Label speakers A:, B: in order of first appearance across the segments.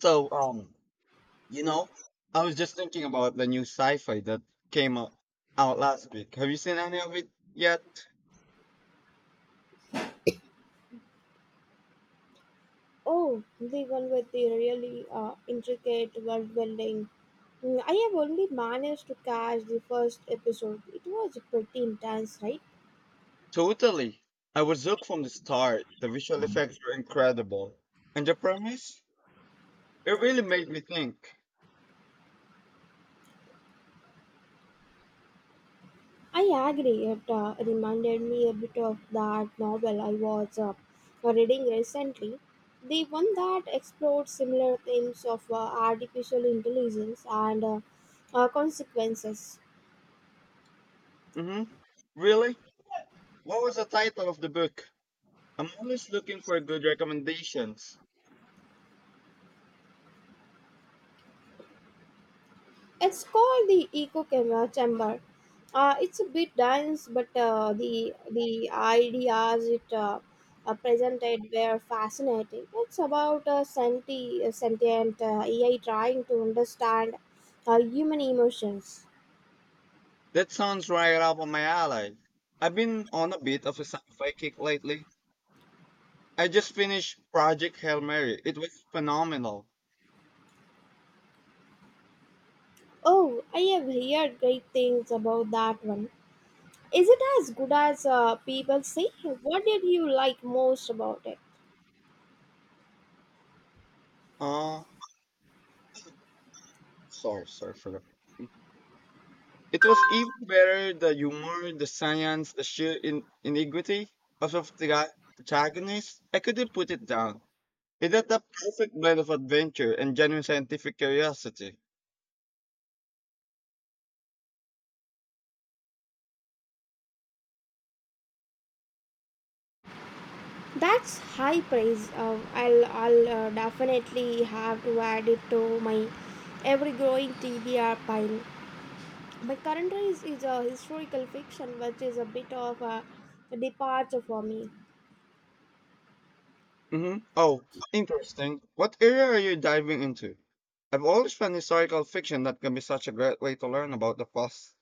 A: So, you know, I was just thinking about the new sci-fi that came out last week. Have you seen any of it yet?
B: Oh, the one with the really intricate world building. Mm, I have only managed to catch the first episode. It was pretty intense, right?
A: Totally. I was hooked from the start. The visual effects were incredible. And the premise? It really made me think.
B: I agree. It reminded me a bit of that novel I was reading recently. The one that explored similar themes of artificial intelligence and consequences.
A: Mm-hmm. Really? What was the title of the book? I'm always looking for good recommendations.
B: It's called the echo camera chamber. It's a bit dense, but the ideas it presented were fascinating. It's about a sentient AI trying to understand human emotions.
A: That sounds right up on my alley. I've been on a bit of a sci-fi kick lately. I just finished Project Hail Mary. It was phenomenal.
B: Oh, I have heard great things about that one. Is it as good as people say? What did you like most about it?
A: Uh, sorry, for that. It was even better the humor, the science, the sheer ingenuity of the protagonist. I couldn't put it down. It had the perfect blend of adventure and genuine scientific curiosity.
B: That's high praise. I'll definitely have to add it to my ever growing TBR pile. My current race is a historical fiction, which is a bit of a departure for me.
A: Hmm. Oh, interesting. What area are you diving into? I've always found historical fiction that can be such a great way to learn about the past.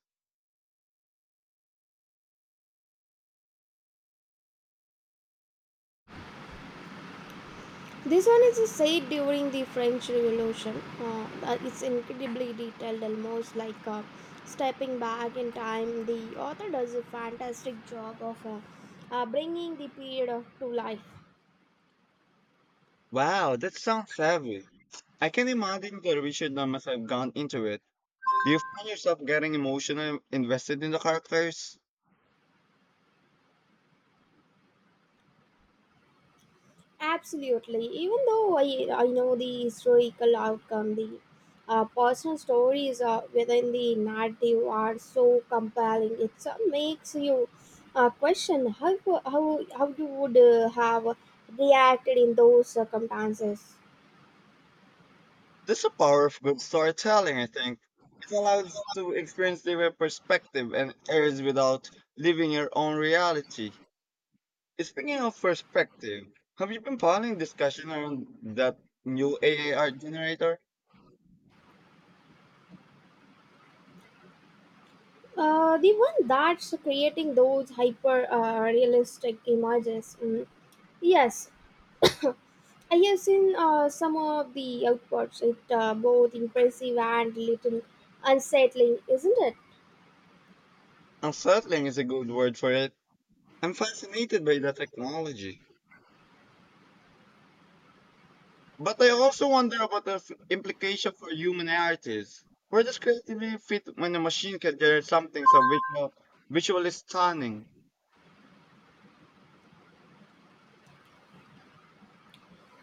B: This one is set during the French Revolution. It's incredibly detailed, almost like stepping back in time. The author does a fantastic job of bringing the period of, to life.
A: Wow, that sounds savvy. I can imagine the research numbers I've gone into it. Do you find yourself getting emotionally invested in the characters?
B: Absolutely. Even though I know the historical outcome, the personal stories within the narrative are so compelling. It makes you question how you would have reacted in those circumstances.
A: That's the power of good storytelling, I think. It allows to experience different perspective and airs without living your own reality. Speaking of perspective, have you been following discussion around that new AAR generator?
B: The one that's creating those hyper realistic images. Mm. Yes, I have seen some of the outputs. It both impressive and little unsettling, isn't it?
A: Unsettling is a good word for it. I'm fascinated by that technology. But I also wonder about the implication for human artists. Where does creativity fit when a machine can generate something so visually stunning?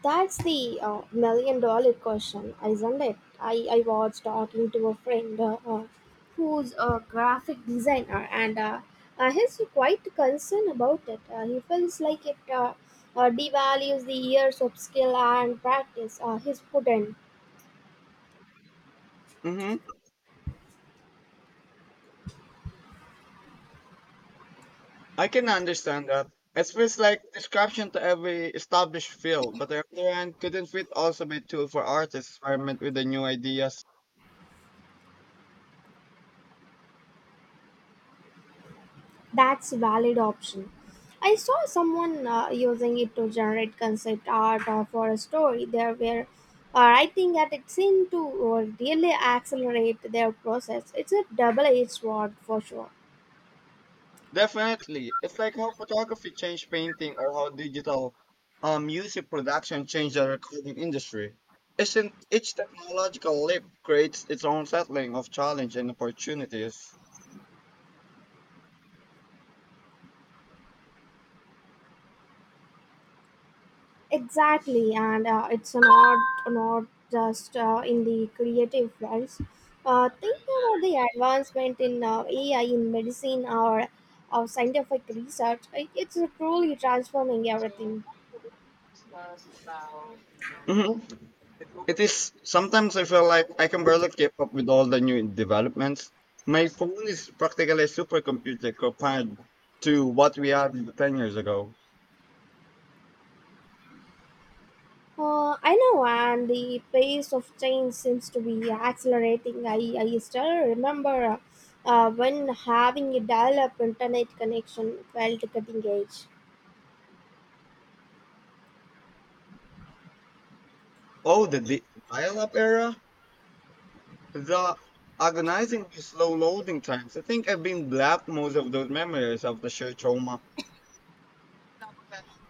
B: That's the million-dollar question, isn't it? I was talking to a friend who's a graphic designer, and he's quite concerned about it. He feels like it devalues the years of skill and practice he's put in.
A: Hmm. I can understand that. It feels like description to every established field, but on the other hand, couldn't fit also be a tool for artists to experiment with the new ideas.
B: That's valid option. I saw someone using it to generate concept art or for a story. They were writing that it seemed to really accelerate their process. It's a double-edged sword for sure.
A: Definitely. It's like how photography changed painting or how digital music production changed the recording industry. Each technological leap creates its own settling of challenge and opportunities.
B: Exactly, and it's not just in the creative fields. Think about the advancement in AI in medicine or scientific research. It's truly transforming everything.
A: Mhm. It is sometimes I feel like I can barely keep up with all the new developments. My phone is practically a supercomputer compared to what we had 10 years ago.
B: I know, and the pace of change seems to be accelerating. I still remember when having a dial up internet connection felt cutting edge.
A: Oh, the dial-up era? The agonizing slow loading times. I think I've been black most of those memories of the sheer trauma.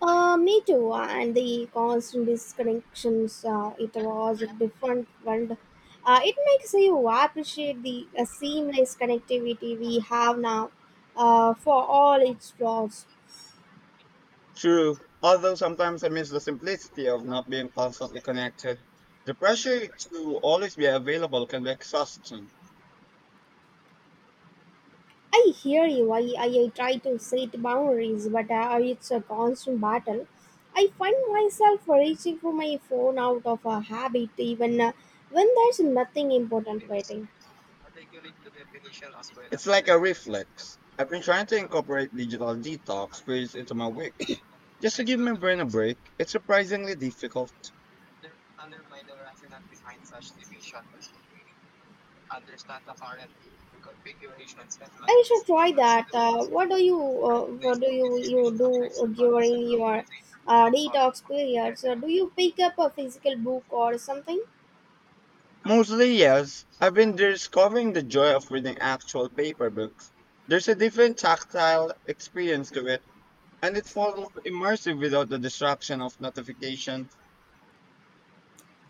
B: Me too, and the constant disconnections, it was a different world. It makes you appreciate the seamless connectivity we have now for all its flaws.
A: True, although sometimes I miss the simplicity of not being constantly connected. The pressure to always be available can be exhausting.
B: I hear you. I try to set boundaries, but it's a constant battle. I find myself reaching for my phone out of a habit, even when there's nothing important waiting.
A: It's like a reflex. I've been trying to incorporate digital detox periods into my week. Just to give my brain a break, it's surprisingly difficult.
B: I should try that. What do you do during your detox periods? Do you pick up a physical book or something?
A: Mostly, yes. I've been discovering the joy of reading actual paper books. There's a different tactile experience to it, and it's far more immersive without the distraction of notifications.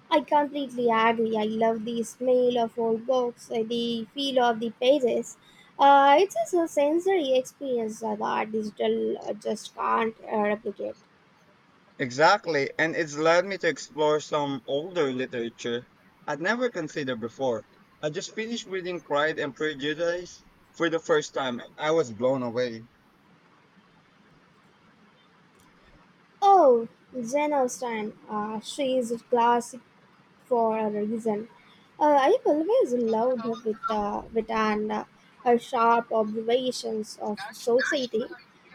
B: I completely agree. I love the smell of old books, the feel of the pages. It's just a so sensory experience that our digital just can't replicate.
A: Exactly, and it's led me to explore some older literature I'd never considered before. I just finished reading Pride and Prejudice for the first time, and I was blown away.
B: Oh, Jane Austen. She is a classic for a reason. I've always loved her with and her sharp observations of society.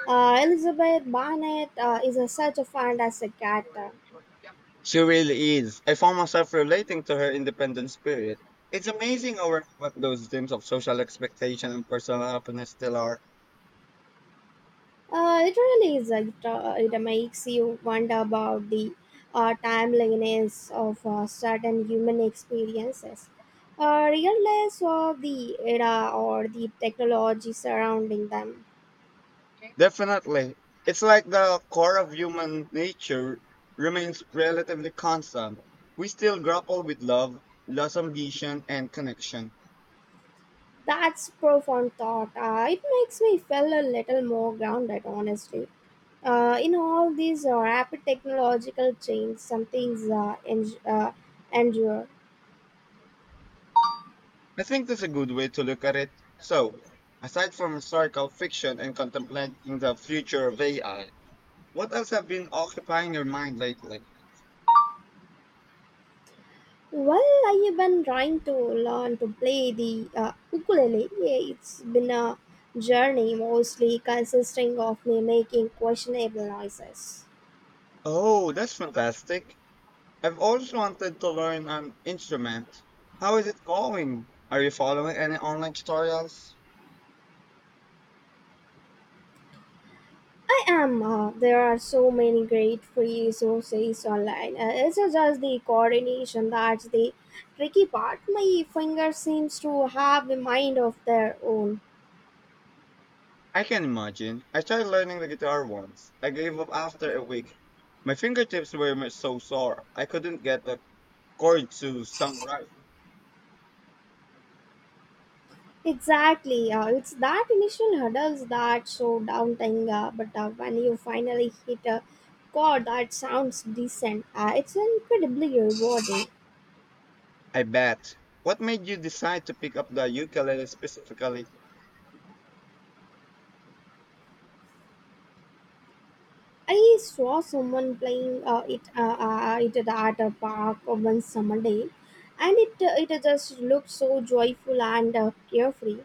B: Elizabeth Barnett is a, such a fantastic character.
A: She really is. I found myself relating to her independent spirit. It's amazing how what those dreams of social expectation and personal happiness still are.
B: It really is. It, it makes you wonder about the timeliness of certain human experiences, regardless of the era or the technology surrounding them.
A: Definitely. It's like the core of human nature remains relatively constant. We still grapple with love, loss of vision, and connection.
B: That's profound thought. It makes me feel a little more grounded, honestly. In all these rapid technological change, some things endure.
A: I think that's a good way to look at it. So, aside from historical fiction and contemplating the future of AI, what else have been occupying your mind lately?
B: Well, I have been trying to learn to play the ukulele. Yeah, it's been a journey mostly consisting of me making questionable noises.
A: Oh, that's fantastic. I've always wanted to learn an instrument. How is it going? Are you following any online tutorials?
B: I am. There are so many great free resources online. It's just the coordination that's the tricky part. My fingers seems to have a mind of their own.
A: I can imagine. I tried learning the guitar once. I gave up after a week. My fingertips were so sore. I couldn't get the chord to sound right.
B: Exactly. It's that initial hurdles that slow down thing. But when you finally hit a chord that sounds decent, it's incredibly rewarding.
A: I bet. What made you decide to pick up the ukulele specifically?
B: I saw someone playing it at a park one summer day, and it just looked so joyful and carefree.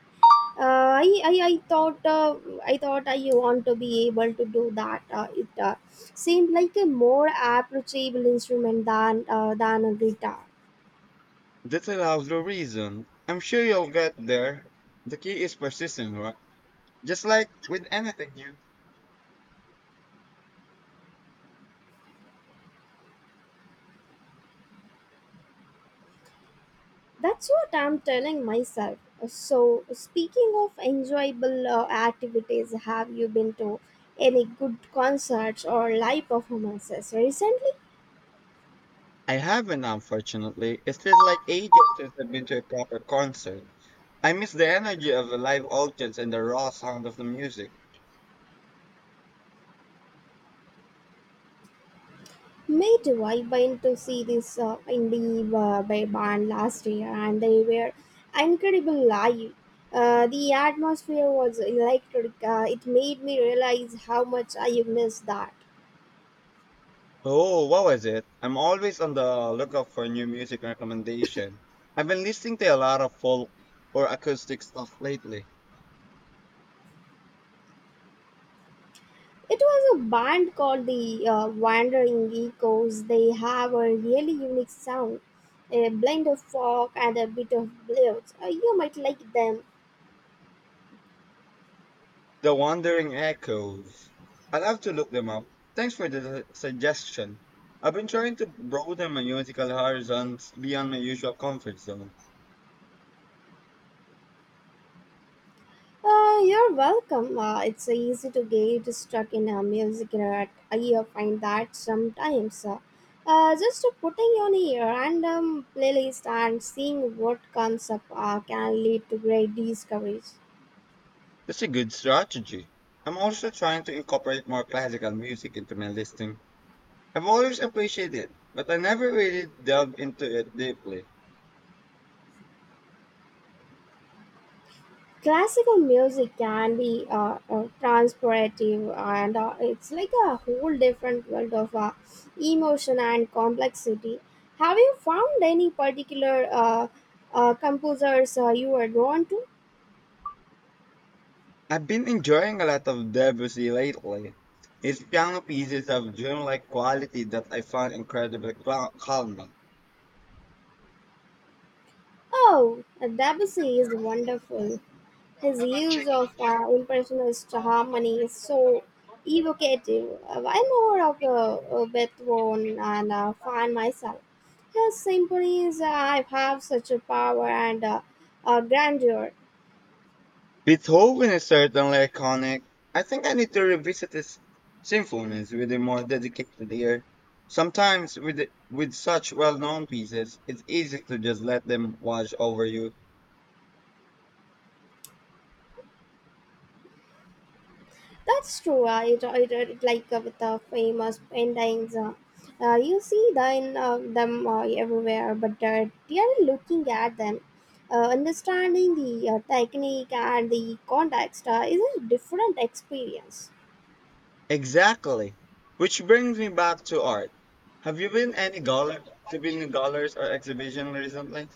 B: Uh, I, I, I thought uh, I thought I want to be able to do that. It seemed like a more approachable instrument than a guitar.
A: That's a lousy reason. I'm sure you'll get there. The key is persistence, right? Just like with anything new.
B: That's what I'm telling myself. So speaking of enjoyable activities, have you been to any good concerts or live performances recently?
A: I haven't, unfortunately. It feels like ages since I've been to a proper concert. I miss the energy of the live audience and the raw sound of the music.
B: Me too. I went to see this uh, indie band last year, and they were incredible live. The atmosphere was electric. It made me realize how much I missed that.
A: Oh, what was it? I'm always on the lookout for new music recommendation. I've been listening to a lot of folk or acoustic stuff lately.
B: It was a band called the Wandering Echoes. They have a really unique sound, a blend of folk and a bit of blues. You might like them.
A: The Wandering Echoes. I'll have to look them up. Thanks for the suggestion. I've been trying to broaden my musical horizons beyond my usual comfort zone.
B: You're welcome. It's so easy to get stuck in a music rut. I find that sometimes. Just putting on a random playlist and seeing what comes up can lead to great discoveries.
A: That's a good strategy. I'm also trying to incorporate more classical music into my listening. I've always appreciated it, but I never really delved into it deeply.
B: Classical music can be transportive and it's like a whole different world of emotion and complexity. Have you found any particular composers you are drawn to?
A: I've been enjoying a lot of Debussy lately. His piano pieces have dreamlike quality that I find incredibly calming.
B: Oh, Debussy is wonderful. His use of impressionist harmony is so evocative. I more of Beethoven and find myself. His symphonies have such a power and grandeur.
A: Beethoven is certainly iconic. I think I need to revisit his symphonies with a more dedicated ear. Sometimes with such well-known pieces, it's easy to just let them wash over you.
B: That's true. Like with the famous paintings. You see then them everywhere, but they are looking at them. Understanding the technique and the context is a different experience.
A: Exactly. Which brings me back to art. Have you been any gall to been in galleries or exhibition recently?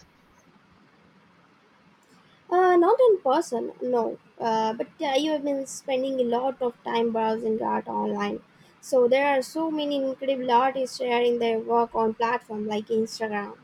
B: Not in person, no. But you have been spending a lot of time browsing art online. So there are so many incredible artists sharing their work on platforms like Instagram.